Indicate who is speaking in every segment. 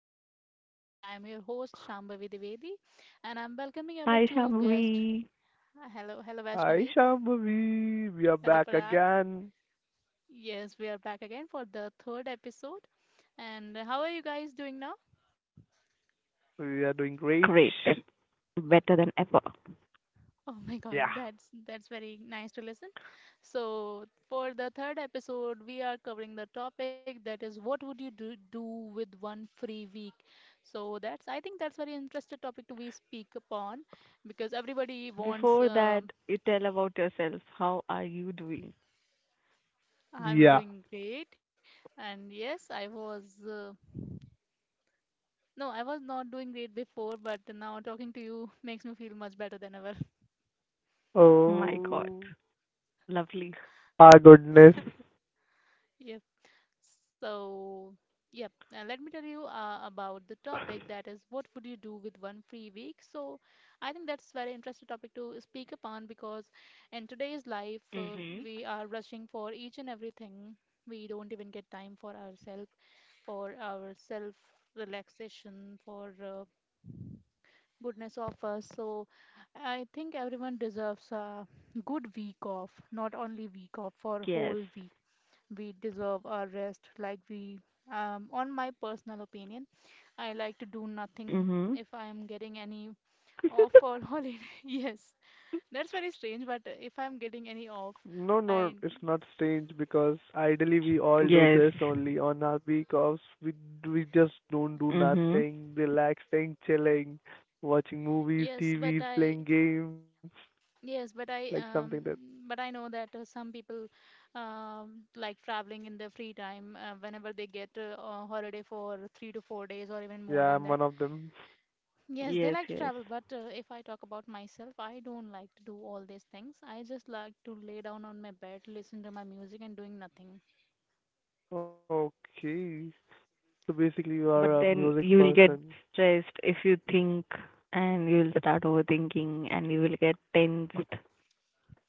Speaker 1: Crazy 3. And I'm your host, Shambhavi Dwivedi. And I'm welcoming our
Speaker 2: Hi,
Speaker 1: two guests.
Speaker 2: Shambhavi.
Speaker 1: Hello, hello,
Speaker 3: I
Speaker 1: Vaishnavi.
Speaker 3: shall We are
Speaker 1: Hello,
Speaker 3: back
Speaker 1: Parag.
Speaker 3: again.
Speaker 1: Yes, we are back again for the third episode. And how are you guys doing now?
Speaker 3: We are doing great.
Speaker 2: Great. Better than ever.
Speaker 1: Oh my God,
Speaker 3: Yeah.
Speaker 1: that's very nice to listen. So for the third episode, we are covering the topic that is what would you do with one free week? So that's I think that's very interesting topic to we speak upon because everybody
Speaker 2: Before
Speaker 1: wants
Speaker 2: that, you tell about yourself. How are you doing?
Speaker 3: Yeah.
Speaker 1: I'm doing great and yes, I was no, I was not doing great before, but now talking to you makes me feel much better than ever.
Speaker 2: My God.
Speaker 3: Oh,
Speaker 2: Lovely.
Speaker 3: our goodness.
Speaker 1: Yep. So, yep, let me tell you about the topic that is what would you do with one free week? So, I think that's very interesting topic to speak upon because in today's life
Speaker 2: Mhm.
Speaker 1: we are rushing for each and everything. We don't even get time for ourselves, for our self relaxation, for goodness of us. So, I think everyone deserves a good week off, not only week off, for
Speaker 2: Yes.
Speaker 1: whole week we deserve our rest like we on my personal opinion, I like to do nothing
Speaker 2: Mm-hmm.
Speaker 1: if I am getting any off or holiday. Yes, that's very strange, but if I'm getting any off,
Speaker 3: No, no,
Speaker 1: i
Speaker 3: it's not strange because ideally we all do
Speaker 2: Yes.
Speaker 3: this only on our week offs. We just don't do
Speaker 2: Mm-hmm.
Speaker 3: nothing, relaxing, chilling, watching movies,
Speaker 1: yes but
Speaker 3: TVs,
Speaker 1: i
Speaker 3: playing games,
Speaker 1: yes but
Speaker 3: like
Speaker 1: i
Speaker 3: something that.
Speaker 1: um but I know that some people like traveling in their free time, whenever they get a holiday for 3 to 4 days or even more
Speaker 3: Yeah,
Speaker 1: than
Speaker 3: I'm
Speaker 1: that.
Speaker 3: one of them.
Speaker 1: Yes, they
Speaker 2: Yes,
Speaker 1: like to
Speaker 2: yes.
Speaker 1: travel, but if I talk about myself, I don't like to do all these things. I just like to lay down on my bed, listen to my music, and doing nothing.
Speaker 3: Okay. So basically, you are a
Speaker 2: But then
Speaker 3: music
Speaker 2: you will get
Speaker 3: person.
Speaker 2: stressed if you think and you will start overthinking and you will get tensed.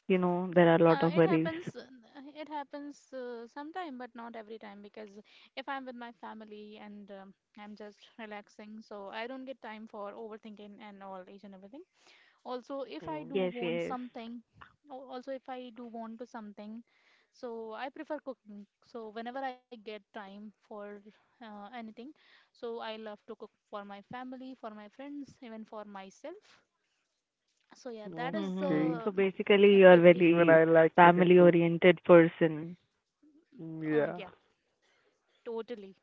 Speaker 2: You know, there are a lot of worries.
Speaker 1: It happens sometime, but not every time because if I'm with my family and I'm just relaxing, so I don't get time for overthinking and all each and everything. Also, if I do
Speaker 3: Mm,
Speaker 2: Yes,
Speaker 1: want
Speaker 2: yes.
Speaker 1: something, also if I do want to something, so I prefer cooking. So whenever I get time for anything, so I love to cook for my family, for my friends, even for myself. So yeah, that is
Speaker 2: Mm-hmm.
Speaker 3: okay.
Speaker 2: So
Speaker 1: the
Speaker 2: basically, you're
Speaker 1: activity.
Speaker 3: Even
Speaker 2: very
Speaker 3: I like cooking too.
Speaker 2: family-oriented person.
Speaker 3: Mm, yeah.
Speaker 1: Yeah, totally.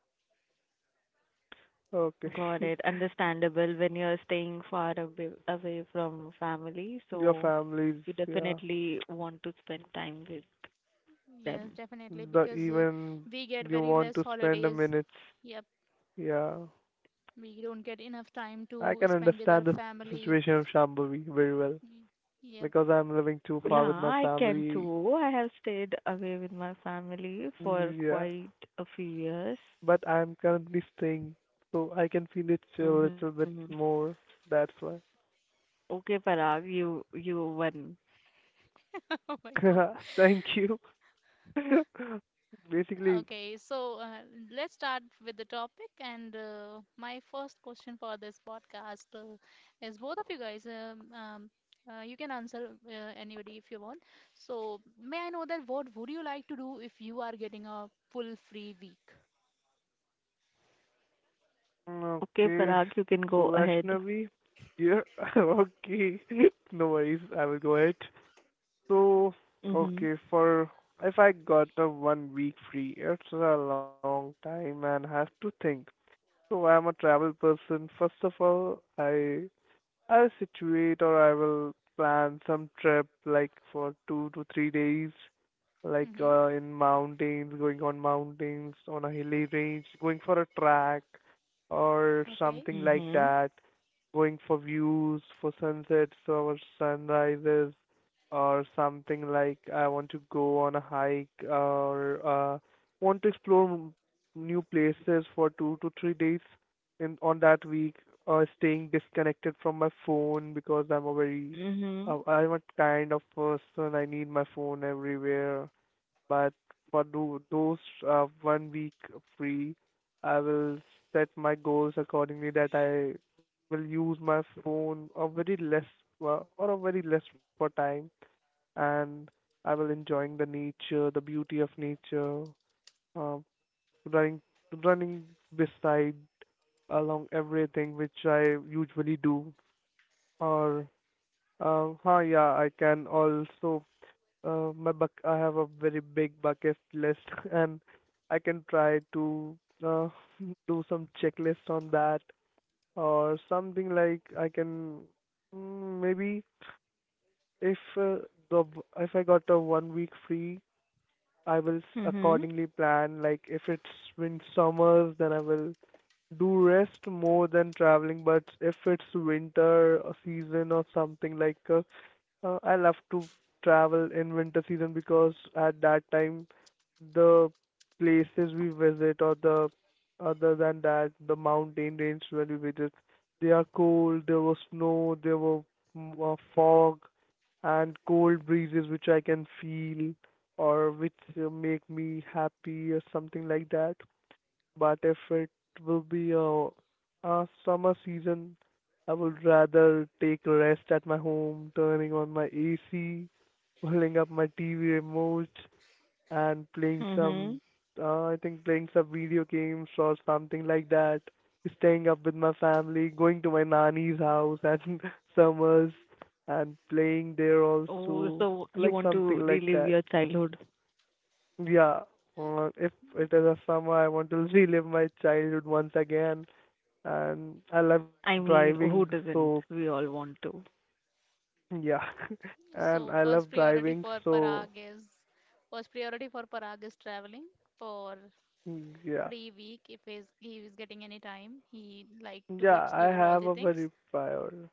Speaker 3: Okay.
Speaker 2: Got it. Understandable when you're staying far away from family,
Speaker 3: Your
Speaker 2: so
Speaker 3: families,
Speaker 2: you
Speaker 3: yeah.
Speaker 2: definitely want to spend time with them.
Speaker 1: Yes, definitely,
Speaker 3: The
Speaker 1: because
Speaker 3: Even
Speaker 1: we get
Speaker 3: you
Speaker 1: very
Speaker 3: want
Speaker 1: less
Speaker 3: to spend a
Speaker 1: holidays.
Speaker 3: minutes.
Speaker 1: Yep,
Speaker 3: Yeah.
Speaker 1: we don't get enough time
Speaker 3: I
Speaker 1: to
Speaker 3: can
Speaker 1: spend with our
Speaker 3: understand the situation of
Speaker 1: family.
Speaker 3: Shambhavi very well
Speaker 1: Y-
Speaker 3: because
Speaker 1: yep.
Speaker 3: I'm living
Speaker 2: Yeah,
Speaker 3: too far with
Speaker 2: I
Speaker 3: my
Speaker 2: can
Speaker 3: family.
Speaker 2: too. I have stayed away with my family for
Speaker 3: Mm, yeah.
Speaker 2: quite a few years.
Speaker 3: But I'm currently staying, so I can feel it a little
Speaker 2: Mm-hmm.
Speaker 3: bit more. That's why.
Speaker 2: Okay, Parag, you won.
Speaker 1: Oh my god.
Speaker 3: Thank you. Basically,
Speaker 1: Okay, so let's start with the topic. And my first question for this podcast is both of you guys, you can answer anybody if you want. So, may I know that what would you like to do if you are getting a full free week?
Speaker 2: Okay,
Speaker 3: okay,
Speaker 2: Parag, you
Speaker 3: so
Speaker 2: can go ahead.
Speaker 3: Vaishnavi, yeah, okay, no worries, I will go ahead. So,
Speaker 2: Mm-hmm.
Speaker 3: okay, for if I got a one week free, it's a long time and have to think. So, I'm a travel person. First of all, I'll situate or I will plan some trip like for 2 to 3 days, like
Speaker 1: Mm-hmm.
Speaker 3: in mountains, going on mountains, on a hilly range, going for a track or
Speaker 1: Okay.
Speaker 3: something like
Speaker 2: Mm-hmm.
Speaker 3: that, going for views, for sunsets or sunrises, or something like I want to go on a hike or want to explore new places for 2 to 3 days in on that week staying disconnected from my phone because
Speaker 2: Mm-hmm.
Speaker 3: I'm a kind of person I need my phone everywhere. But for those one week free, I will set my goals accordingly that I will use my phone a very less or a very less for time, and I will enjoying the nature, the beauty of nature, uh, running running beside along everything which I usually do. Or, yeah, I can also my buck. I have a very big bucket list, and I can try to uh, do some checklist on that or something like I can maybe, if uh, the if I got a one week free I will
Speaker 2: Mm-hmm.
Speaker 3: accordingly plan. Like if it's wind summers, then I will do rest more than traveling. But if it's winter or season or something like I love to travel in winter season because at that time the places we visit or the other than that the mountain range when we visit they are cold, there was snow, there were fog and cold breezes which I can feel or which make me happy or something like that. But if it will be a summer season, I would rather take a rest at my home, turning on my AC, pulling up my TV remote, and playing
Speaker 2: Mhm.
Speaker 3: some, I think playing some video games or something like that. Staying up with my family, going to my nanny's house at summers, and playing there
Speaker 2: Oh, so
Speaker 3: also,
Speaker 2: you want
Speaker 3: like
Speaker 2: to
Speaker 3: something like
Speaker 2: relive your
Speaker 3: that.
Speaker 2: childhood?
Speaker 3: Yeah, if
Speaker 1: Mm.
Speaker 3: it is a summer, I want to relive my childhood once again. And I love
Speaker 2: I
Speaker 3: driving,
Speaker 2: mean, who
Speaker 3: so
Speaker 2: doesn't? We all want to.
Speaker 3: yeah. And
Speaker 1: So,
Speaker 3: I love driving, so
Speaker 1: First priority for Parag is traveling for
Speaker 3: yeah.
Speaker 1: free week if he is getting any time. He like to
Speaker 3: Yeah, I
Speaker 1: explore all
Speaker 3: have
Speaker 1: the
Speaker 3: a
Speaker 1: things.
Speaker 3: very prior.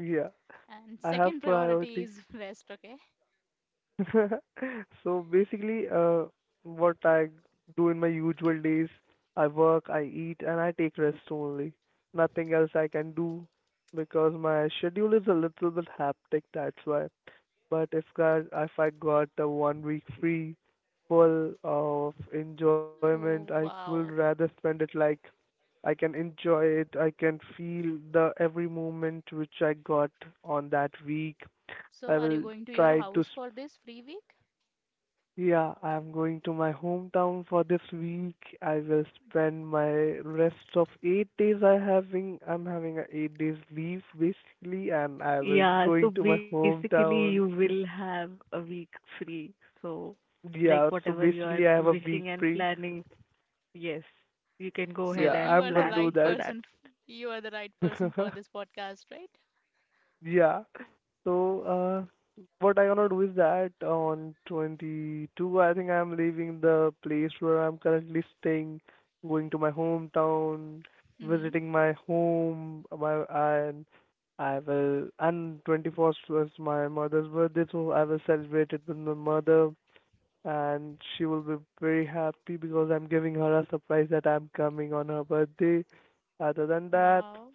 Speaker 3: Yeah,
Speaker 1: And
Speaker 3: I have
Speaker 1: second priority
Speaker 3: priority.
Speaker 1: is rest, okay?
Speaker 3: So basically, what I do in my usual days, I work, I eat, and I take rest only. Nothing else I can do because my schedule is a little bit hectic, that's why. But if God, if I got the one week free, full of enjoyment, I
Speaker 1: Oh,
Speaker 3: would
Speaker 1: wow.
Speaker 3: rather spend it like I can enjoy it, I can feel the every moment which I got on that week. I
Speaker 1: So are
Speaker 3: will
Speaker 1: you going to your
Speaker 3: try to,
Speaker 1: house for this free week?
Speaker 3: yeah, I'm going to my hometown for this week. I will spend my rest of 8 days. I'm having a 8 days leave basically and I will
Speaker 2: Yeah, so
Speaker 3: going to my
Speaker 2: basically you
Speaker 3: hometown.
Speaker 2: will have a week free. So like
Speaker 3: Yeah, so
Speaker 2: whatever you are
Speaker 3: basically I have a week
Speaker 2: wishing and
Speaker 3: break.
Speaker 2: planning, yes, you can go
Speaker 1: So
Speaker 2: ahead
Speaker 3: Yeah,
Speaker 1: you
Speaker 2: and
Speaker 1: are
Speaker 3: I'm
Speaker 1: the
Speaker 3: gonna do
Speaker 1: right
Speaker 2: plan for that.
Speaker 1: person. You are the right person for
Speaker 3: that.
Speaker 1: this podcast, right?
Speaker 3: Yeah. So, what I'm gonna do is that on 22, I think I'm leaving the place where I'm currently staying, going to my hometown,
Speaker 1: Hmm.
Speaker 3: visiting my home, my and I will. And 21st was my mother's birthday, so I will celebrate it with my mother, and she will be very happy because I'm giving her a surprise that I'm coming on her birthday. Other than that,
Speaker 1: Wow.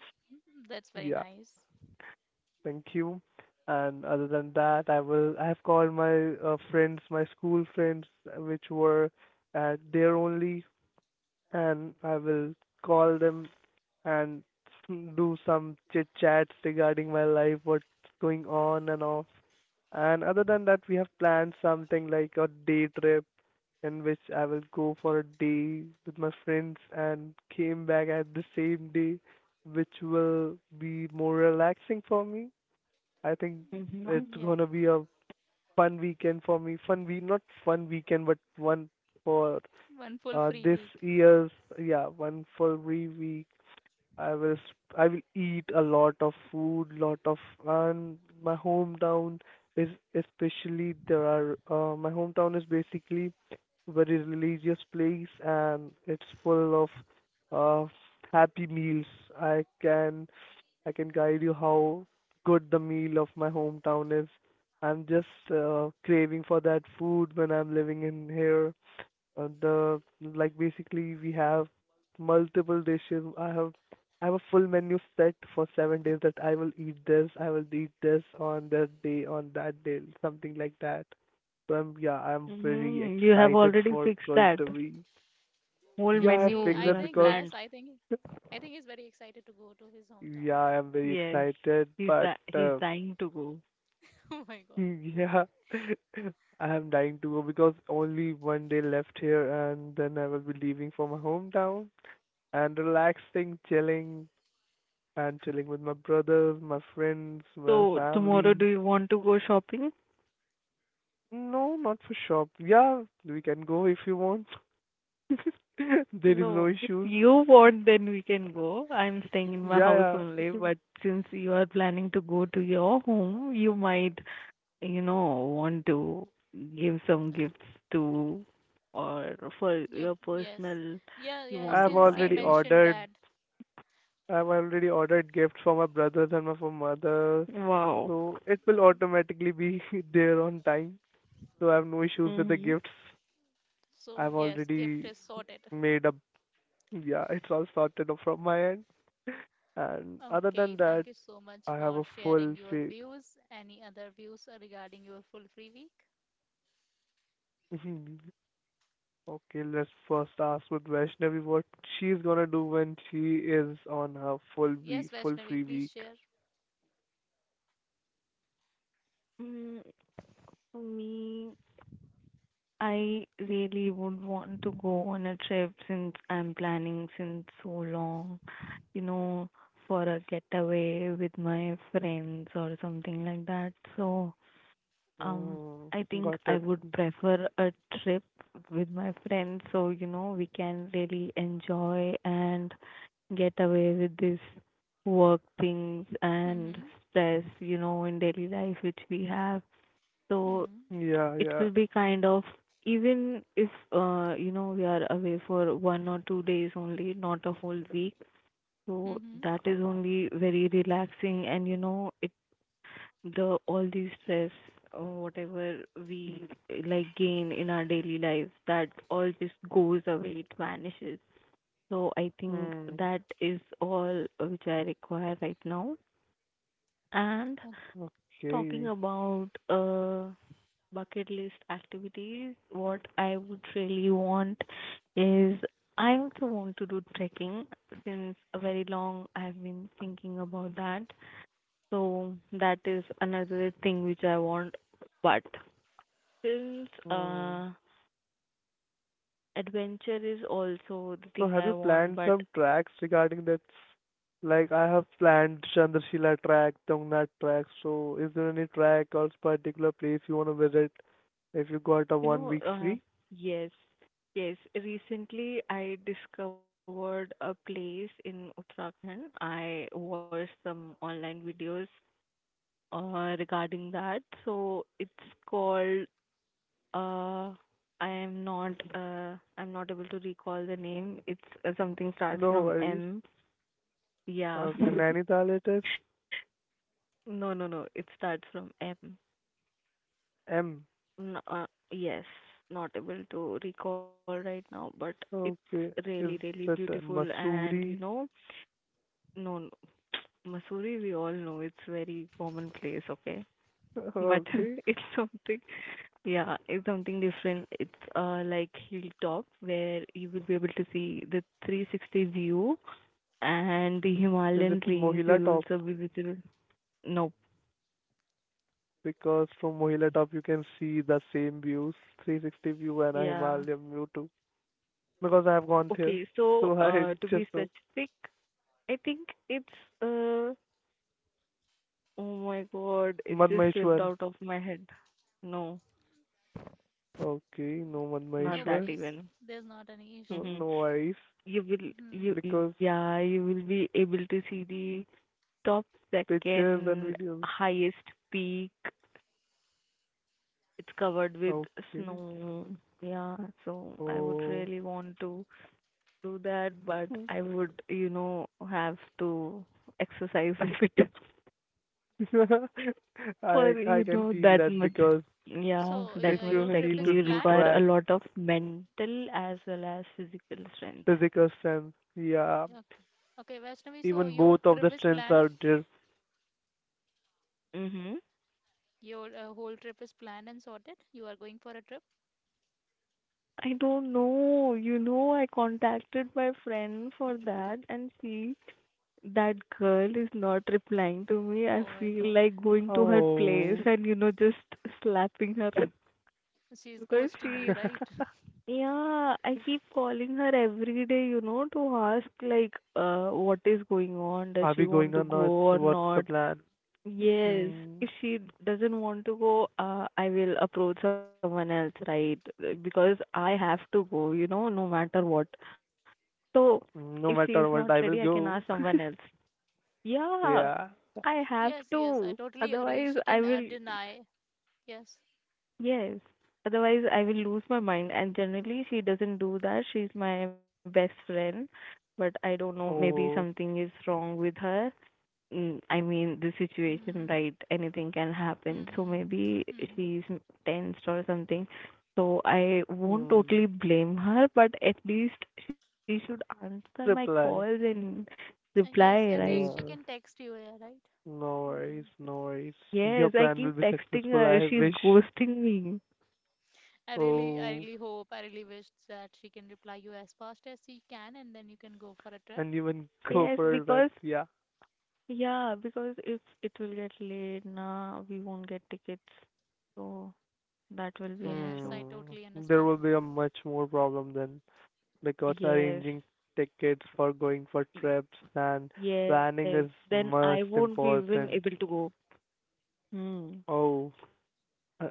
Speaker 1: That's very
Speaker 3: yeah.
Speaker 1: nice.
Speaker 3: Thank you. And other than that, I will. I have called my friends, my school friends, which were there only, and I will call them and do some chit chats regarding my life, what's going on and off. And other than that, we have planned something like a day trip in which I will go for a day with my friends and came back at the same day, which will be more relaxing for me. I think
Speaker 2: Mhm.
Speaker 3: it's
Speaker 1: Yeah.
Speaker 3: gonna be a fun weekend for me. Fun week, not fun weekend, but one for
Speaker 1: One full free
Speaker 3: this
Speaker 1: week.
Speaker 3: year's, yeah, one for every week. I will eat a lot of food, lot of, and my hometown is especially there are my hometown is basically very religious place and it's full of uh, happy meals. I can I can guide you how good the meal of my hometown is. I'm just craving for that food when I'm living in here. The Like basically we have multiple dishes. I have a full menu set for 7 days that I will eat this, I will eat this on that day, something like that. So I'm, yeah, I'm very
Speaker 2: Mhm. You have
Speaker 3: excited
Speaker 2: already
Speaker 3: for
Speaker 2: fixed
Speaker 3: going
Speaker 2: that
Speaker 3: to be. Yeah, I
Speaker 2: whole
Speaker 1: Yes,
Speaker 3: fixed that
Speaker 1: he,
Speaker 2: menu you
Speaker 1: I
Speaker 3: because
Speaker 2: have
Speaker 1: think, yes,
Speaker 2: planned.
Speaker 1: I think he's very excited to go to his
Speaker 3: yeah,
Speaker 1: hometown.
Speaker 3: I'm very
Speaker 2: Yes.
Speaker 3: excited,
Speaker 2: He's
Speaker 3: but
Speaker 2: di- he's dying to go.
Speaker 1: Oh my God.
Speaker 3: yeah, I'm dying to go because only one day left here, and then I will be leaving for my hometown and relaxing, chilling, and chilling with my brothers, my friends, my
Speaker 2: So tomorrow do
Speaker 3: family.
Speaker 2: you want to go shopping?
Speaker 3: No, not for shop. Yeah, we can go if you want. There is no
Speaker 2: No, if
Speaker 3: issues.
Speaker 2: you want, then we can go. I'm staying in my
Speaker 3: Yeah,
Speaker 2: house
Speaker 3: yeah.
Speaker 2: only, but since you are planning to go to your home, you might, want to give some gifts to or for
Speaker 1: Yep,
Speaker 2: your
Speaker 1: yes.
Speaker 2: personal
Speaker 1: Yeah,
Speaker 2: you
Speaker 1: yeah,
Speaker 2: want
Speaker 3: I've
Speaker 2: to
Speaker 1: since he
Speaker 3: already
Speaker 2: buy.
Speaker 1: mentioned
Speaker 3: ordered.
Speaker 1: that.
Speaker 3: I've already ordered gifts for my brothers and my for mother,
Speaker 2: Wow.
Speaker 3: so it will automatically be there on time. So I have no issues with the
Speaker 2: Mm-hmm.
Speaker 3: gifts.
Speaker 1: So
Speaker 3: I've
Speaker 1: yes, gift
Speaker 3: already
Speaker 1: is
Speaker 3: made
Speaker 1: sorted.
Speaker 3: up. Yeah, it's all sorted off from my end. And other
Speaker 1: Okay,
Speaker 3: than
Speaker 1: thank
Speaker 3: that,
Speaker 1: you so much
Speaker 3: I have
Speaker 1: for
Speaker 3: a full
Speaker 1: sharing your
Speaker 3: fa-
Speaker 1: views. Any other views regarding your full free week?
Speaker 3: Okay, let's first ask with Vaishnavi what she's gonna do when she is on her full
Speaker 1: Yes,
Speaker 3: week, full
Speaker 1: Vaishnavi,
Speaker 3: free
Speaker 1: please
Speaker 3: week.
Speaker 1: share.
Speaker 2: Mm, for me, I really would want to go on a trip since I'm planning since so long, you know, for a getaway with my friends or something like that. So, um,
Speaker 3: Mm,
Speaker 2: I think
Speaker 3: got
Speaker 2: I
Speaker 3: it.
Speaker 2: would prefer a trip with my friends so, we can really enjoy and get away with this work things and
Speaker 1: Mm-hmm.
Speaker 2: stress, in daily life which we have. So
Speaker 3: Yeah,
Speaker 2: it
Speaker 3: yeah.
Speaker 2: will be kind of, even if we are away for 1 or 2 days only, not a whole week,
Speaker 1: Hmm.
Speaker 2: so
Speaker 1: Hmm.
Speaker 2: that is only very relaxing. And it the all the stress or whatever we like gain in our daily lives, that all just goes away. It vanishes. So I think
Speaker 3: Mm,
Speaker 2: that is all which I require right now. And
Speaker 1: Oh,
Speaker 2: talking
Speaker 3: okay.
Speaker 2: about bucket list activities, what I would really want is I also want to do trekking. Since a very long, I've been thinking about that. So that is another thing which I want. But since
Speaker 3: Mm.
Speaker 2: adventure is also the
Speaker 3: So
Speaker 2: thing
Speaker 3: have you
Speaker 2: I want,
Speaker 3: planned
Speaker 2: but
Speaker 3: some tracks regarding that? Like I have planned Chandrashila track, Tungnath track. So is there any track or particular place you want to visit if you got a
Speaker 2: you
Speaker 3: one
Speaker 2: know,
Speaker 3: week
Speaker 2: uh
Speaker 3: free?
Speaker 2: yes. Yes, recently I discovered a place in Uttarakhand. I watched some online videos regarding that. So it's called uh, I'm not able to recall the name. It's something
Speaker 3: No
Speaker 2: starts
Speaker 3: worries.
Speaker 2: from M.
Speaker 3: Okay,
Speaker 2: Yeah.
Speaker 3: Nainital it is
Speaker 2: No, no, no. It starts from M.
Speaker 3: M.
Speaker 2: N- uh, yes, not able to recall right now, but it's
Speaker 3: Okay, is
Speaker 2: really, really
Speaker 3: that
Speaker 2: beautiful. And
Speaker 3: Mussoorie?
Speaker 2: no, no, Mussoorie, we all know it's very common place, okay? But
Speaker 3: Okay,
Speaker 2: it's something. Yeah, it's something different. It's like hilltop where you will be able to see the 360 view and the
Speaker 3: is it
Speaker 2: Himalayan range
Speaker 3: Mohila
Speaker 2: will
Speaker 3: Top?
Speaker 2: also be visible. Nope.
Speaker 3: Because from Mohila Top you can see the same views, 360 view and a
Speaker 2: Yeah.
Speaker 3: Himalayan view too. Because I have gone there,
Speaker 2: Okay, so
Speaker 3: so I
Speaker 2: to be
Speaker 3: just know.
Speaker 2: specific, I think it's uh, oh my God, it just slipped
Speaker 3: Madmaheshwar.
Speaker 2: out of my head. No,
Speaker 3: Okay, no
Speaker 2: not that
Speaker 1: no
Speaker 3: Madmaheshwar.
Speaker 2: even.
Speaker 1: worries. There's not any
Speaker 3: No,
Speaker 2: Mm-hmm.
Speaker 1: issue.
Speaker 3: no worries.
Speaker 2: You will,
Speaker 1: Hmm.
Speaker 2: you
Speaker 3: Because
Speaker 2: yeah, you will be able to see the top
Speaker 3: pictures and
Speaker 2: second
Speaker 3: videos.
Speaker 2: highest peak. It's covered with
Speaker 3: Okay.
Speaker 2: snow. Yeah, so I would
Speaker 3: Oh.
Speaker 2: really want to do that, but I would, have to exercise if it is for,
Speaker 3: I can feel
Speaker 2: that
Speaker 3: that
Speaker 2: much.
Speaker 3: because
Speaker 2: Yeah,
Speaker 1: So
Speaker 3: if
Speaker 2: that much
Speaker 3: you
Speaker 1: your
Speaker 3: need
Speaker 1: trip
Speaker 2: trekking.
Speaker 3: to
Speaker 1: is
Speaker 2: You
Speaker 3: do
Speaker 2: require
Speaker 1: planned?
Speaker 2: a
Speaker 3: track
Speaker 2: lot of mental as well as physical strength.
Speaker 3: physical strength, yeah,
Speaker 1: Okay. Okay, Vaishnavi, so
Speaker 3: even
Speaker 1: your
Speaker 3: both of the
Speaker 1: trip is
Speaker 3: strengths
Speaker 1: planned?
Speaker 3: are there.
Speaker 2: Mm-hmm.
Speaker 1: Your whole trip is planned and sorted? You are going for a trip?
Speaker 2: I don't know. You know, I contacted my friend for that, and she that girl is not replying to me. I
Speaker 1: Oh my
Speaker 2: feel
Speaker 1: God.
Speaker 2: like going to her place
Speaker 3: Oh.
Speaker 2: and, just slapping her.
Speaker 1: She's
Speaker 2: Because
Speaker 1: ghosting
Speaker 2: she,
Speaker 1: you, right?
Speaker 2: yeah, I keep calling her every day, you know, to ask, like, what is going
Speaker 3: Are
Speaker 2: on?
Speaker 3: we
Speaker 2: Does she
Speaker 3: going or
Speaker 2: want to
Speaker 3: not?
Speaker 2: go or
Speaker 3: What's the
Speaker 2: not?
Speaker 3: plan?
Speaker 2: Yes,
Speaker 1: Hmm.
Speaker 3: Hmm.
Speaker 2: if she doesn't want to go, I will approach someone else, right? Because I have to go, no matter what. So
Speaker 3: No
Speaker 2: if she is
Speaker 3: matter what,
Speaker 2: not
Speaker 3: I will
Speaker 2: ready, I can
Speaker 3: go.
Speaker 2: ask someone else. Yeah,
Speaker 3: Yeah.
Speaker 2: I have
Speaker 1: Yes, yes, I
Speaker 2: to.
Speaker 1: totally agree.
Speaker 2: Otherwise,
Speaker 1: She
Speaker 2: I
Speaker 1: can
Speaker 2: will,
Speaker 1: deny. Yes.
Speaker 2: yes. Otherwise, I will lose my mind. And generally, she doesn't do that. She's my best friend. But I don't know, maybe
Speaker 3: Oh.
Speaker 2: something is wrong with her. Mm, I mean, the
Speaker 1: Hmm.
Speaker 2: situation, right? Anything can happen.
Speaker 1: Mm-hmm.
Speaker 2: So maybe
Speaker 1: Mm-hmm.
Speaker 2: she's tensed or something. So I won't totally
Speaker 3: Mm.
Speaker 2: blame her, but at least she should answer my calls
Speaker 3: Reply.
Speaker 2: and reply,
Speaker 1: And yes,
Speaker 2: right?
Speaker 1: at least she
Speaker 3: Yeah.
Speaker 1: can text you, yeah, right?
Speaker 3: No worries,
Speaker 1: Mm.
Speaker 3: no worries.
Speaker 2: Yes,
Speaker 3: Your
Speaker 2: I
Speaker 3: plan
Speaker 2: keep
Speaker 3: will be
Speaker 2: texting
Speaker 3: successful,
Speaker 2: her.
Speaker 3: I
Speaker 2: She's
Speaker 3: wish.
Speaker 2: ghosting me.
Speaker 1: I
Speaker 3: Oh,
Speaker 1: really hope, I really wish that she can reply you as fast as she can, and then you can go for a trip.
Speaker 3: and even go
Speaker 2: Yes,
Speaker 3: for a trip.
Speaker 2: because
Speaker 3: Yeah.
Speaker 2: yeah, because if it will get late, nah, we won't get tickets. So that will be an issue.
Speaker 1: Yes, I
Speaker 3: Hmm.
Speaker 1: totally
Speaker 3: There will
Speaker 1: understand.
Speaker 3: be a much more problem then because
Speaker 2: Yes.
Speaker 3: arranging tickets for going for
Speaker 2: y-
Speaker 3: trips and
Speaker 2: Yes.
Speaker 3: planning is
Speaker 2: Then I won't
Speaker 3: most
Speaker 2: be even able to
Speaker 3: important.
Speaker 2: go. Hmm.
Speaker 3: Oh, uh,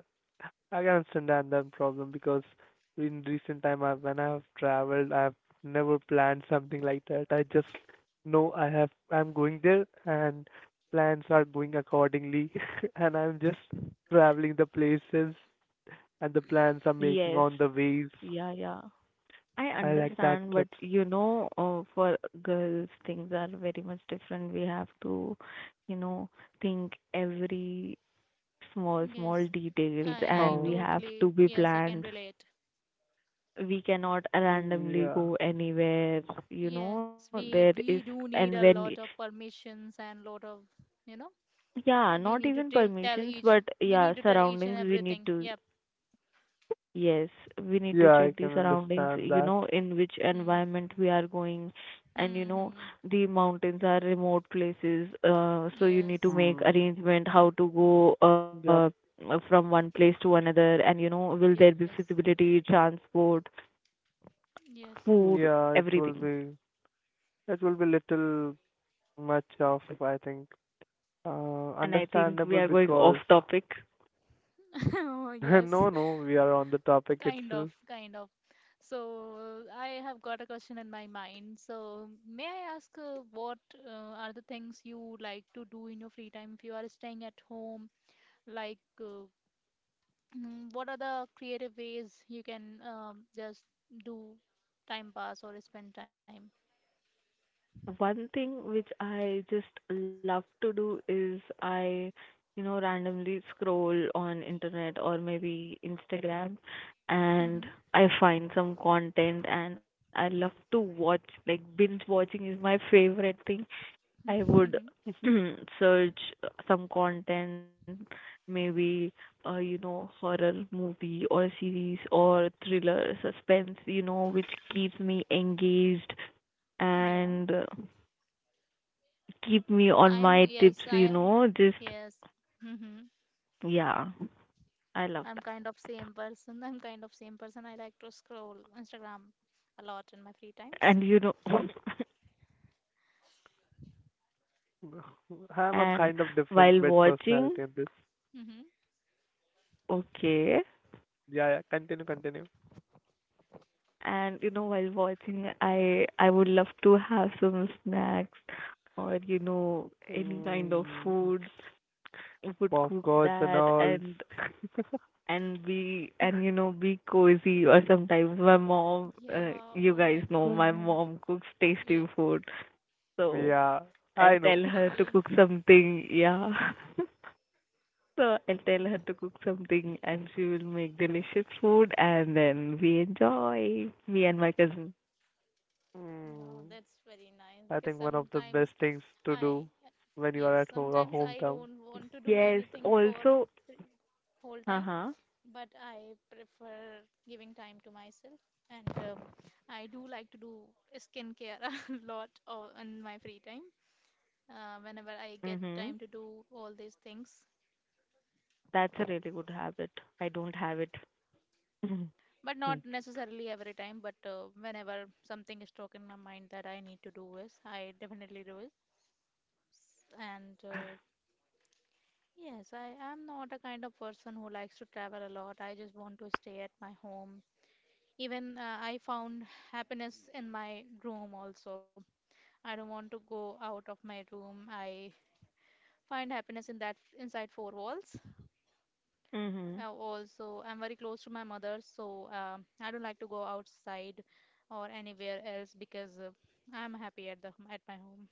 Speaker 3: I can understand that problem because in recent time, I, when I have traveled, I've never planned something like that. I just know I have, I'm going there and plans are going accordingly, and I'm just traveling the places and the plans I'm making
Speaker 2: Yes.
Speaker 3: on the ways.
Speaker 2: Yeah, yeah. I
Speaker 3: I like that
Speaker 2: understand, but
Speaker 3: trips.
Speaker 2: for girls, things are very much different. We have to, you know, think every small, small
Speaker 1: Yes,
Speaker 2: details, and we
Speaker 3: Um,
Speaker 2: have to be
Speaker 1: yes, I can
Speaker 2: planned.
Speaker 1: relate.
Speaker 2: We cannot randomly
Speaker 3: yeah,
Speaker 2: go anywhere.
Speaker 1: Yes,
Speaker 2: There is,
Speaker 1: we do
Speaker 2: and
Speaker 1: need a
Speaker 2: when,
Speaker 1: lot of permissions and lot of, you know,
Speaker 2: yeah,
Speaker 1: we
Speaker 2: not
Speaker 1: need to
Speaker 2: even
Speaker 1: tell, tell
Speaker 2: permissions,
Speaker 1: each,
Speaker 2: but
Speaker 1: we
Speaker 2: yeah,
Speaker 1: need to tell each
Speaker 2: surroundings
Speaker 1: and
Speaker 2: we need
Speaker 1: everything.
Speaker 2: to.
Speaker 1: Yep.
Speaker 2: Yes, we need to
Speaker 3: yeah, I
Speaker 2: check
Speaker 3: can
Speaker 2: the surroundings,
Speaker 3: understand that.
Speaker 2: in which
Speaker 1: Mm.
Speaker 2: environment we are going. And you know,
Speaker 1: Mm-hmm.
Speaker 2: the mountains are remote places, so you need to
Speaker 1: Yes.
Speaker 2: make
Speaker 3: Hmm.
Speaker 2: arrangement how to go
Speaker 3: Yep.
Speaker 2: from one place to another. Will there be
Speaker 1: Yes.
Speaker 2: feasibility, transport,
Speaker 1: Yes.
Speaker 2: food,
Speaker 3: Yeah, it will
Speaker 2: everything.
Speaker 3: be, it will be little much of, I think.
Speaker 2: And I think we
Speaker 3: Understandable
Speaker 2: are going off
Speaker 3: because
Speaker 2: topic.
Speaker 1: Oh, yes,
Speaker 3: no, no, we are on the topic
Speaker 1: kind of,
Speaker 3: itself.
Speaker 1: kind of. So, I have got a question in my mind. So, may I ask what are the things you like to do in your free time if you are staying at home? Like, what are the creative ways you can just do time pass or spend time?
Speaker 2: One thing which I just love to do is I randomly scroll on internet or maybe Instagram, and
Speaker 1: Mm-hmm.
Speaker 2: I find some content, and I love to watch. Like binge watching is my favorite thing. I would search some content, maybe horror movie or series or thriller suspense, which keeps me engaged,
Speaker 1: Yeah,
Speaker 2: and keep me on my tips,
Speaker 1: I am,
Speaker 2: just
Speaker 1: yes.
Speaker 2: yeah, I love
Speaker 1: I'm kind
Speaker 2: that.
Speaker 1: of same person. I'm kind of same person. I like to scroll Instagram a lot in my free times.
Speaker 2: And you know,
Speaker 3: I'm a
Speaker 2: and
Speaker 3: kind of different
Speaker 2: while
Speaker 3: bit
Speaker 2: watching,
Speaker 3: personality in this.
Speaker 1: Mm-hmm.
Speaker 2: okay,
Speaker 3: Yeah, yeah, continue, continue.
Speaker 2: while watching, I would love to have some snacks or any kind of
Speaker 3: Mm,
Speaker 2: food. Would cook
Speaker 3: popcorns and
Speaker 2: that
Speaker 3: all.
Speaker 2: and be and be cozy. Or sometimes my mom,
Speaker 1: Yeah,
Speaker 2: you
Speaker 1: oh
Speaker 2: guys
Speaker 1: my
Speaker 2: know
Speaker 1: God.
Speaker 2: my mom cooks
Speaker 1: Yeah,
Speaker 2: tasty food, so
Speaker 3: Yeah, I
Speaker 2: I'll
Speaker 3: know.
Speaker 2: tell her to
Speaker 1: definitely.
Speaker 2: cook something. Yeah. So I'll tell her to cook something, and she will make delicious food, and then we enjoy, me and my cousin.
Speaker 1: Wow,
Speaker 3: Mm,
Speaker 1: that's very nice
Speaker 3: I
Speaker 1: because
Speaker 3: think one of the best things to
Speaker 1: I,
Speaker 3: do when you are
Speaker 1: yes,
Speaker 3: at home, or
Speaker 1: sometimes I
Speaker 3: hometown.
Speaker 1: don't want to do
Speaker 2: Yes,
Speaker 1: anything for
Speaker 2: also,
Speaker 1: the whole time,
Speaker 2: uh-huh.
Speaker 1: but I prefer giving time to myself. And I do like to do skincare a lot in my free time, whenever I get
Speaker 2: Mm-hmm.
Speaker 1: time to do all these things.
Speaker 2: That's a really good habit. I don't have it. Mm-hmm.
Speaker 1: But
Speaker 3: Hmm.
Speaker 1: not necessarily every time, but whenever something is stuck in my mind that I need to do is, I definitely do it. And yes, I am not a kind of person who likes to travel a lot. I just want to stay at my home. Even I found happiness in my room also. I don't want to go out of my room. I find happiness in that inside four walls.
Speaker 2: Mm-hmm.
Speaker 1: Also, I'm very close to my mother, so I don't like to go outside or anywhere else because I'm happy at my home.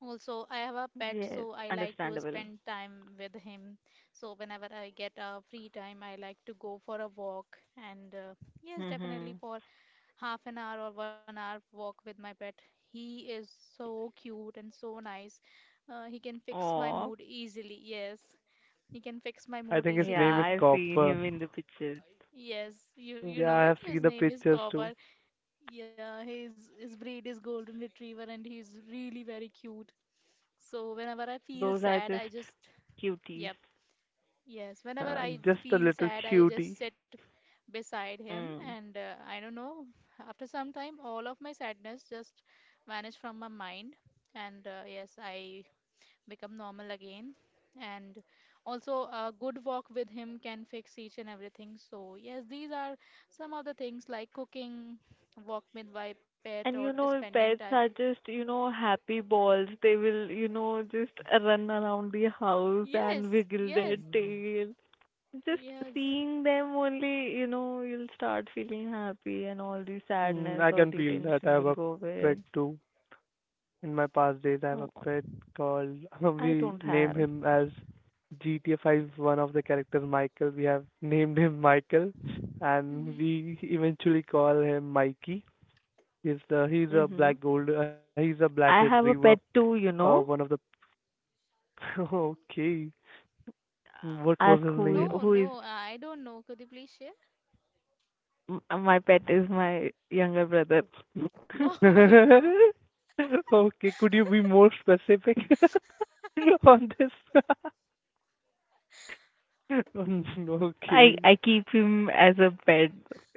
Speaker 1: Also, I have a
Speaker 2: Yes,
Speaker 1: pet, so I like to
Speaker 2: understandable.
Speaker 1: spend time with him. So whenever I get a free time, I like to go for a walk, and yes, definitely
Speaker 2: Mm-hmm.
Speaker 1: for half an hour or 1 hour walk with my pet. He is so cute and so nice. He can fix my
Speaker 2: Oh,
Speaker 1: mood easily. Yes. He can fix my
Speaker 3: I
Speaker 1: mood
Speaker 2: yeah,
Speaker 3: think his
Speaker 2: I've
Speaker 3: name
Speaker 1: easily.
Speaker 3: is
Speaker 2: seen him
Speaker 3: Copper.
Speaker 2: in the pictures.
Speaker 1: Yes, you
Speaker 3: Yeah,
Speaker 1: know
Speaker 3: I
Speaker 1: it.
Speaker 3: have
Speaker 1: His
Speaker 3: seen the
Speaker 1: name is
Speaker 3: pictures too.
Speaker 1: Copper. Yeah, his breed is Golden Retriever, and he's really very cute. So whenever I feel
Speaker 2: Those are
Speaker 1: sad,
Speaker 2: just
Speaker 1: I just
Speaker 2: cuties.
Speaker 1: yep, yes. Whenever I
Speaker 3: Just a
Speaker 1: feel
Speaker 3: little
Speaker 1: sad, I just
Speaker 3: cutie.
Speaker 1: sit beside him,
Speaker 2: Mm.
Speaker 1: and I don't know. After some time, all of my sadness just vanished from my mind, and yes, I become normal again. And also, a good walk with him can fix each and everything. So, yes, these are some of the things like cooking, walk with my pet, or
Speaker 2: And you know,
Speaker 1: spending time.
Speaker 2: pets are just, happy balls. They will, just run around the house and
Speaker 1: Yes,
Speaker 2: wiggle their
Speaker 1: yes,
Speaker 2: tail. Just
Speaker 1: yes.
Speaker 2: seeing them only, you'll start feeling happy, and all the
Speaker 3: Mm,
Speaker 2: sadness
Speaker 3: I
Speaker 2: or
Speaker 3: can
Speaker 2: the
Speaker 3: feel that I
Speaker 2: tension
Speaker 3: have
Speaker 2: will
Speaker 3: a
Speaker 2: go away.
Speaker 3: pet too. In my past days, I have a
Speaker 2: Oh,
Speaker 3: pet called
Speaker 2: I
Speaker 3: we
Speaker 2: don't
Speaker 3: named
Speaker 2: have.
Speaker 3: him as GTA 5 one of the characters Michael. We have named him Michael, and
Speaker 1: Hmm.
Speaker 3: we eventually call him Mikey. He's a
Speaker 2: hmm
Speaker 3: black gold he's a black
Speaker 2: I
Speaker 3: retriever.
Speaker 2: have a pet too, you
Speaker 3: One of
Speaker 2: know.
Speaker 3: the okay. What was
Speaker 2: Ask
Speaker 3: his name?
Speaker 1: No,
Speaker 2: who is
Speaker 1: no, I don't know. Could you please share?
Speaker 2: m- My pet is my younger brother.
Speaker 1: Oh my God.
Speaker 3: Okay, could you be more specific on this?
Speaker 2: I
Speaker 3: Okay.
Speaker 2: I keep him as a pet,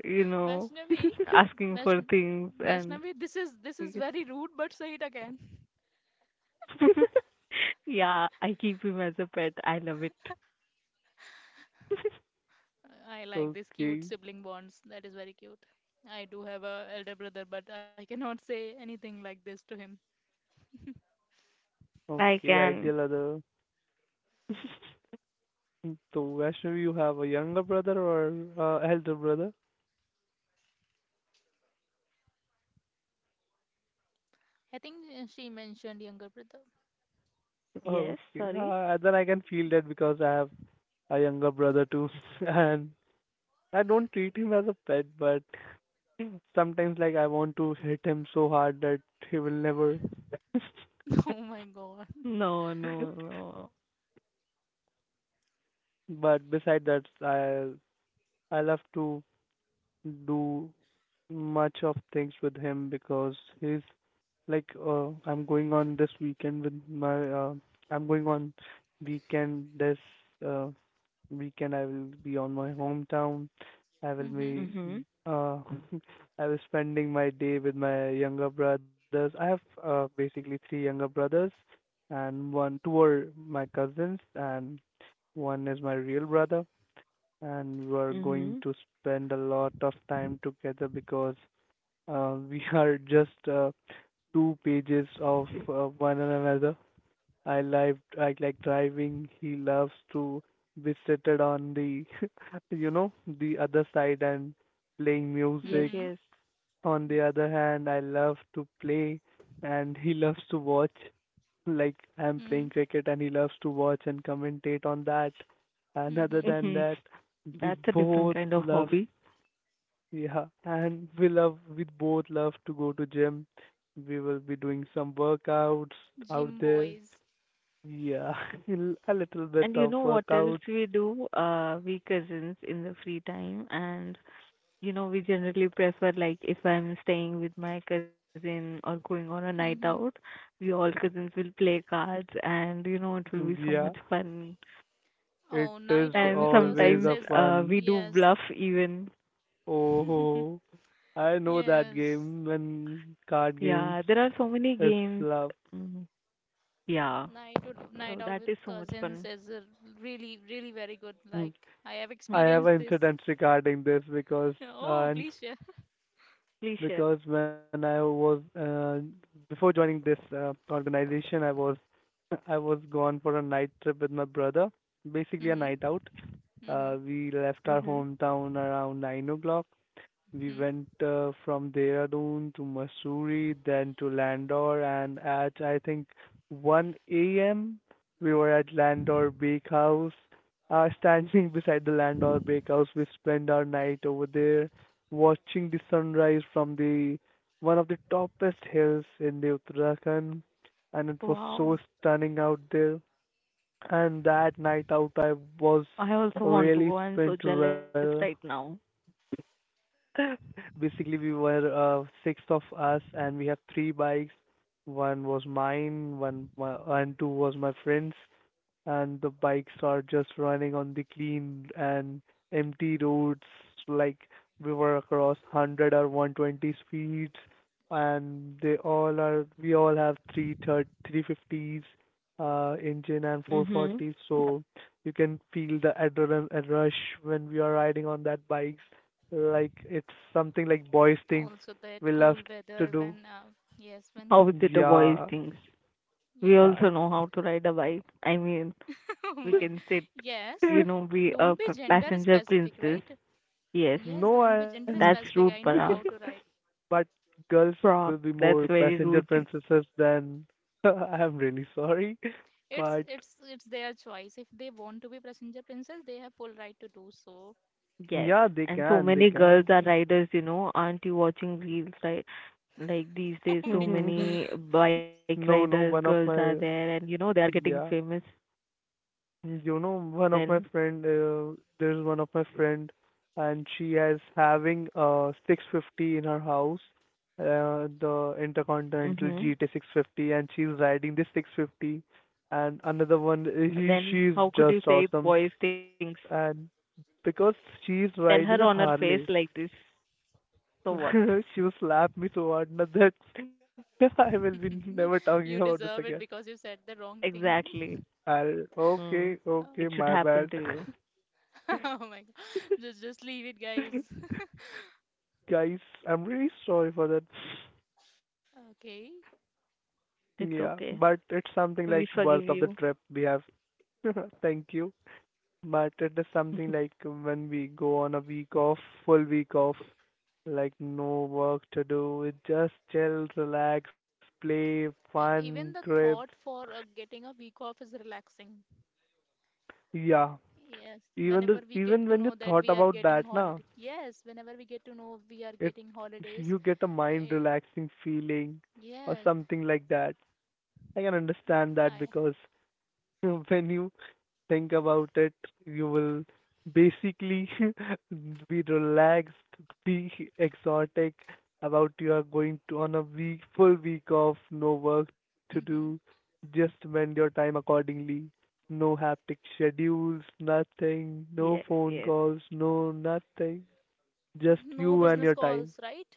Speaker 2: you know.
Speaker 1: Vaishnavi,
Speaker 2: Asking for
Speaker 1: Vaishn
Speaker 2: things and
Speaker 1: Vaishnavi, this is
Speaker 2: yes.
Speaker 1: very rude, but say it again.
Speaker 2: Yeah, I keep him as a pet. I love it.
Speaker 1: I like these cute
Speaker 3: Okay.
Speaker 1: sibling bonds. That is very cute. I do have a elder brother, but I cannot say anything like this to him.
Speaker 3: Okay,
Speaker 2: I
Speaker 3: ideal
Speaker 2: can.
Speaker 3: other. Mm, so, Vaishnavi, you have a younger brother or elder brother?
Speaker 1: I think she mentioned younger brother.
Speaker 3: Oh,
Speaker 2: Yes,
Speaker 3: okay.
Speaker 2: sorry.
Speaker 3: Then I can feel that because I have a younger brother too, and I don't treat him as a pet, but sometimes like I want to hit him so hard that he will never.
Speaker 1: Oh my god.
Speaker 2: No, no, no.
Speaker 3: But beside that, I love to do much of things with him because he's like I'm going on weekend this uh, weekend I will be on my hometown. I will
Speaker 1: Mhm.
Speaker 3: be
Speaker 2: Mhm.
Speaker 3: uh, I was spending my day with my younger brothers. I have basically three younger brothers, and one two are my cousins and one is my real brother, and we are going
Speaker 2: Mhm.
Speaker 3: to spend a lot of time together because we are just two pages of one another. I like driving. He loves to be seated on the, the other side and playing
Speaker 2: Yes,
Speaker 3: music.
Speaker 1: Mhm.
Speaker 2: yes.
Speaker 3: On the other hand, I love to play, and he loves to watch. Like I'm playing
Speaker 1: Mhm.
Speaker 3: cricket, and he loves to watch and commentate on that. And other
Speaker 1: Mhm.
Speaker 3: than
Speaker 2: Mhm.
Speaker 3: that, we
Speaker 2: That's a different
Speaker 3: both
Speaker 2: kind of
Speaker 3: love
Speaker 2: hobby.
Speaker 3: yeah, and we both love to go to gym. We will be doing some workouts out
Speaker 1: Gym
Speaker 3: there.
Speaker 1: boys.
Speaker 3: Yeah, a little bit
Speaker 2: And you
Speaker 3: of
Speaker 2: know what else
Speaker 3: workouts.
Speaker 2: we do? We cousins in the free time, and we generally prefer, like if I'm staying with my cousin or going on a night
Speaker 1: Mhm.
Speaker 2: out, we all cousins will play cards, and it will be so
Speaker 3: Yeah,
Speaker 2: much fun.
Speaker 3: it
Speaker 1: Oh, night
Speaker 3: is
Speaker 1: out
Speaker 2: And
Speaker 1: with
Speaker 3: always
Speaker 1: cousins
Speaker 2: sometimes
Speaker 3: a
Speaker 1: is
Speaker 3: fun.
Speaker 2: we do
Speaker 1: yes.
Speaker 2: bluff even.
Speaker 3: Oh, I know that
Speaker 1: Yes.
Speaker 3: game and card games.
Speaker 2: Yeah, there are so many
Speaker 3: It's
Speaker 2: games.
Speaker 3: love.
Speaker 2: Mm, yeah.
Speaker 1: Night
Speaker 2: So
Speaker 1: out
Speaker 2: that
Speaker 1: with
Speaker 2: is so much
Speaker 1: cousins
Speaker 2: fun.
Speaker 1: is a really, really very good.
Speaker 3: Hmm.
Speaker 1: Like I have
Speaker 2: Hmm,
Speaker 3: I have an
Speaker 1: experienced this.
Speaker 3: incident regarding this because
Speaker 1: Oh,
Speaker 3: uh,
Speaker 1: please share.
Speaker 2: please share.
Speaker 3: because when I was before joining this organization, I was I was gone for a night trip with my brother, basically a
Speaker 1: Mhm.
Speaker 3: night out.
Speaker 1: Mhm.
Speaker 3: We left our
Speaker 2: Mhm.
Speaker 3: hometown around 9 o'clock. We went from Dehradun to Mussoorie, then to Landor, and at I think 1 a.m. we were at Landor Bakehouse. Standing beside the Landor Bakehouse, we spent our night over there, watching the sunrise from the one of the topest hills in the Uttarakhand, and it was so
Speaker 2: Wow.
Speaker 3: stunning out there. And that night out, I was
Speaker 2: I also want to
Speaker 3: really
Speaker 2: go. I'm so
Speaker 3: spent
Speaker 2: jealous
Speaker 3: well.
Speaker 2: right now.
Speaker 3: Basically, we were six of us, and we have three bikes. One was mine, one my, and two was my friends, and the bikes are just running on the clean and empty roads. Like we were across 100 or 120 speeds, and they all are we all have 330 350s engine and
Speaker 2: Mhm.
Speaker 3: 440s, so you can feel the adrenaline rush when we are riding on that bikes. Like it's something like boys things
Speaker 1: Also,
Speaker 3: we
Speaker 1: that
Speaker 3: love
Speaker 1: cool
Speaker 3: to do.
Speaker 1: weather when, yes, when,
Speaker 2: How is it a
Speaker 3: Yeah.
Speaker 2: boy's things? We
Speaker 1: yep.
Speaker 2: also know how to ride a bike. I mean,
Speaker 1: Oh
Speaker 2: we
Speaker 1: my,
Speaker 2: can sit,
Speaker 1: yes.
Speaker 2: be a
Speaker 1: Don't be gender
Speaker 2: passenger
Speaker 1: specific,
Speaker 2: princess.
Speaker 1: right?
Speaker 2: Yes,
Speaker 1: Yes,
Speaker 3: no
Speaker 1: don't be
Speaker 3: I'm
Speaker 1: gender
Speaker 2: that's
Speaker 1: specific.
Speaker 2: rude,
Speaker 1: I know
Speaker 2: Parag.
Speaker 1: how to write.
Speaker 3: But girls will
Speaker 2: Prague,
Speaker 3: be more
Speaker 2: that's very
Speaker 3: passenger
Speaker 2: rude.
Speaker 3: princesses than. I'm really sorry,
Speaker 1: It's
Speaker 3: but
Speaker 1: it's it's their choice. If they want to be passenger princess, they have full right to do so.
Speaker 2: Yes.
Speaker 3: yeah, they
Speaker 2: And so
Speaker 3: can, they
Speaker 2: many girls
Speaker 3: can.
Speaker 2: are riders. Aren't you watching reels, right? Like these days,
Speaker 1: Oh my
Speaker 2: so
Speaker 1: God,
Speaker 2: many bike riders,
Speaker 3: No, no,
Speaker 2: girls
Speaker 3: one
Speaker 2: are
Speaker 3: of
Speaker 2: there,
Speaker 3: my
Speaker 2: and they are getting
Speaker 3: yeah,
Speaker 2: famous.
Speaker 3: one of my
Speaker 2: Then,
Speaker 3: friend, there's one of my friend, and she has having 650 in her house, the
Speaker 2: hmm
Speaker 3: Intercontinental GT 650, and she's riding this 650, and another one, he
Speaker 2: then
Speaker 3: she's
Speaker 2: how could you
Speaker 3: just
Speaker 2: say it's
Speaker 3: awesome,
Speaker 2: boys' things?
Speaker 3: and because she's
Speaker 2: Tell her on
Speaker 3: riding a
Speaker 2: her face
Speaker 3: Harley.
Speaker 2: like this. So what?
Speaker 3: She will slap me so hard now that I will be never
Speaker 1: you
Speaker 3: talking about
Speaker 1: you
Speaker 3: this again.
Speaker 1: deserve it because you said the wrong thing.
Speaker 2: Exactly.
Speaker 3: I'll
Speaker 2: Mm.
Speaker 3: Okay,
Speaker 1: Oh
Speaker 3: okay,
Speaker 2: It should
Speaker 3: my
Speaker 2: happen
Speaker 3: bad.
Speaker 2: to you.
Speaker 1: oh my God, just leave it, guys.
Speaker 3: Guys, I'm really sorry for that.
Speaker 1: Okay.
Speaker 3: Yeah,
Speaker 2: It's
Speaker 3: but
Speaker 2: okay.
Speaker 3: it's something like
Speaker 2: We
Speaker 3: worth
Speaker 2: forgive
Speaker 3: of the
Speaker 2: you.
Speaker 3: trip we have. Thank you. But it is something like when we go on a week off, full week off, like no work to do, just chill, relax, play, fun,
Speaker 1: Even the
Speaker 3: trip.
Speaker 1: thought for getting a week off is relaxing.
Speaker 3: Yeah.
Speaker 1: Yes,
Speaker 3: Even
Speaker 1: whenever
Speaker 3: the
Speaker 1: we get
Speaker 3: even
Speaker 1: to
Speaker 3: when
Speaker 1: know
Speaker 3: you
Speaker 1: that we
Speaker 3: thought
Speaker 1: are
Speaker 3: about
Speaker 1: getting
Speaker 3: that
Speaker 1: holiday.
Speaker 3: now,
Speaker 1: Yes, whenever we get to know we are
Speaker 3: it
Speaker 1: getting holidays.
Speaker 3: you get a mind
Speaker 1: eh,
Speaker 3: relaxing feeling or
Speaker 1: yes,
Speaker 3: something like that. I can understand
Speaker 1: I,
Speaker 3: that because when you think about it, you will basically be relaxed, be exotic about you are going to on a week full week off, no work to do,
Speaker 1: mhm.
Speaker 3: just spend your time accordingly. No haptic schedules, nothing, no
Speaker 2: Yes,
Speaker 3: phone
Speaker 2: yes.
Speaker 3: calls, no nothing. Just
Speaker 1: No
Speaker 3: you and
Speaker 1: business
Speaker 3: your time.
Speaker 1: calls, right?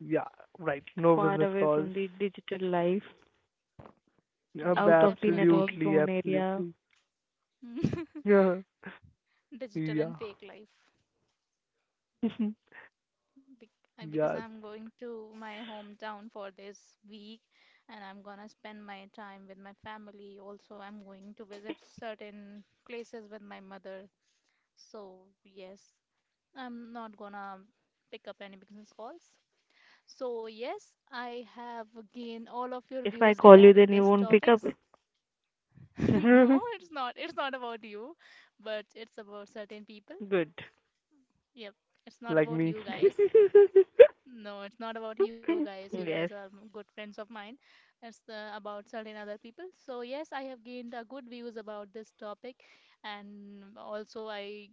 Speaker 3: Yeah, right. No
Speaker 2: Far
Speaker 3: business
Speaker 2: away
Speaker 3: calls.
Speaker 2: from the digital life,
Speaker 1: Yes,
Speaker 2: out of the network
Speaker 1: definitely.
Speaker 3: Absolutely,
Speaker 2: zone area.
Speaker 3: absolutely. Yeah,
Speaker 1: Digital and
Speaker 3: yeah,
Speaker 1: fake life. Bec- because I'm going to my hometown for this week and I'm gonna spend my time with my family. Also, I'm going to visit certain places with my mother. So, yes, I'm not gonna pick up any business calls. So, yes, I have gained all of your
Speaker 2: If I
Speaker 1: views
Speaker 2: call you,
Speaker 1: regarding
Speaker 2: then you
Speaker 1: these
Speaker 2: won't pick up.
Speaker 1: topics.
Speaker 3: yeah.
Speaker 1: No, it's not. It's not about you, but it's about certain people.
Speaker 2: Good.
Speaker 1: Yep, it's not
Speaker 3: Like
Speaker 1: about
Speaker 3: me.
Speaker 1: you guys. No, it's not about you guys. You
Speaker 2: Yes.
Speaker 1: guys are good friends of mine. It's about certain other people. So yes, I have gained good views about this topic, and also I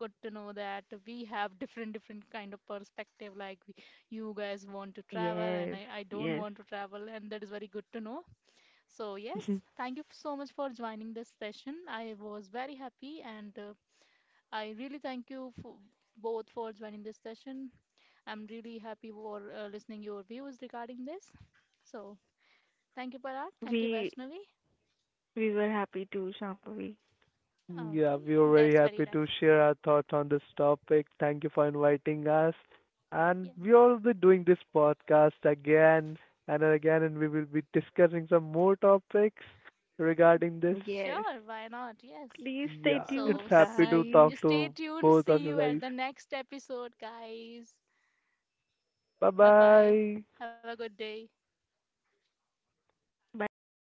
Speaker 1: got to know that we have different different kind of perspective. Like you guys want to travel, and
Speaker 2: Yes.
Speaker 1: I don't
Speaker 2: Yes.
Speaker 1: want to travel, and that is very good to know. So yes, thank you so much for joining this session. I was very happy, and I really thank you for both for joining this session. I'm really happy for listening your views regarding this. So thank you, Parag. Thank you,
Speaker 2: We
Speaker 1: Vaishnavi.
Speaker 2: we were happy too, Shambhavi.
Speaker 3: Yeah,
Speaker 1: Okay,
Speaker 3: we were very
Speaker 1: that's very
Speaker 3: happy to
Speaker 1: nice.
Speaker 3: share our thoughts on this topic. Thank you for inviting us. And
Speaker 1: Yeah.
Speaker 3: we will be doing this podcast again and again, and we will be discussing some more topics
Speaker 1: um,
Speaker 3: regarding this.
Speaker 2: Yes.
Speaker 1: Sure, why not? Yes.
Speaker 2: Please stay
Speaker 3: Yeah,
Speaker 2: tuned,
Speaker 3: it's
Speaker 1: So
Speaker 3: happy to
Speaker 1: see,
Speaker 2: guys.
Speaker 3: talk
Speaker 1: stay
Speaker 3: to
Speaker 1: tuned.
Speaker 3: both of
Speaker 1: See
Speaker 3: you
Speaker 1: you at
Speaker 3: guys.
Speaker 1: the next episode, guys.
Speaker 3: Bye
Speaker 1: Bye bye.
Speaker 3: bye.
Speaker 1: Have a good day.
Speaker 2: Bye bye.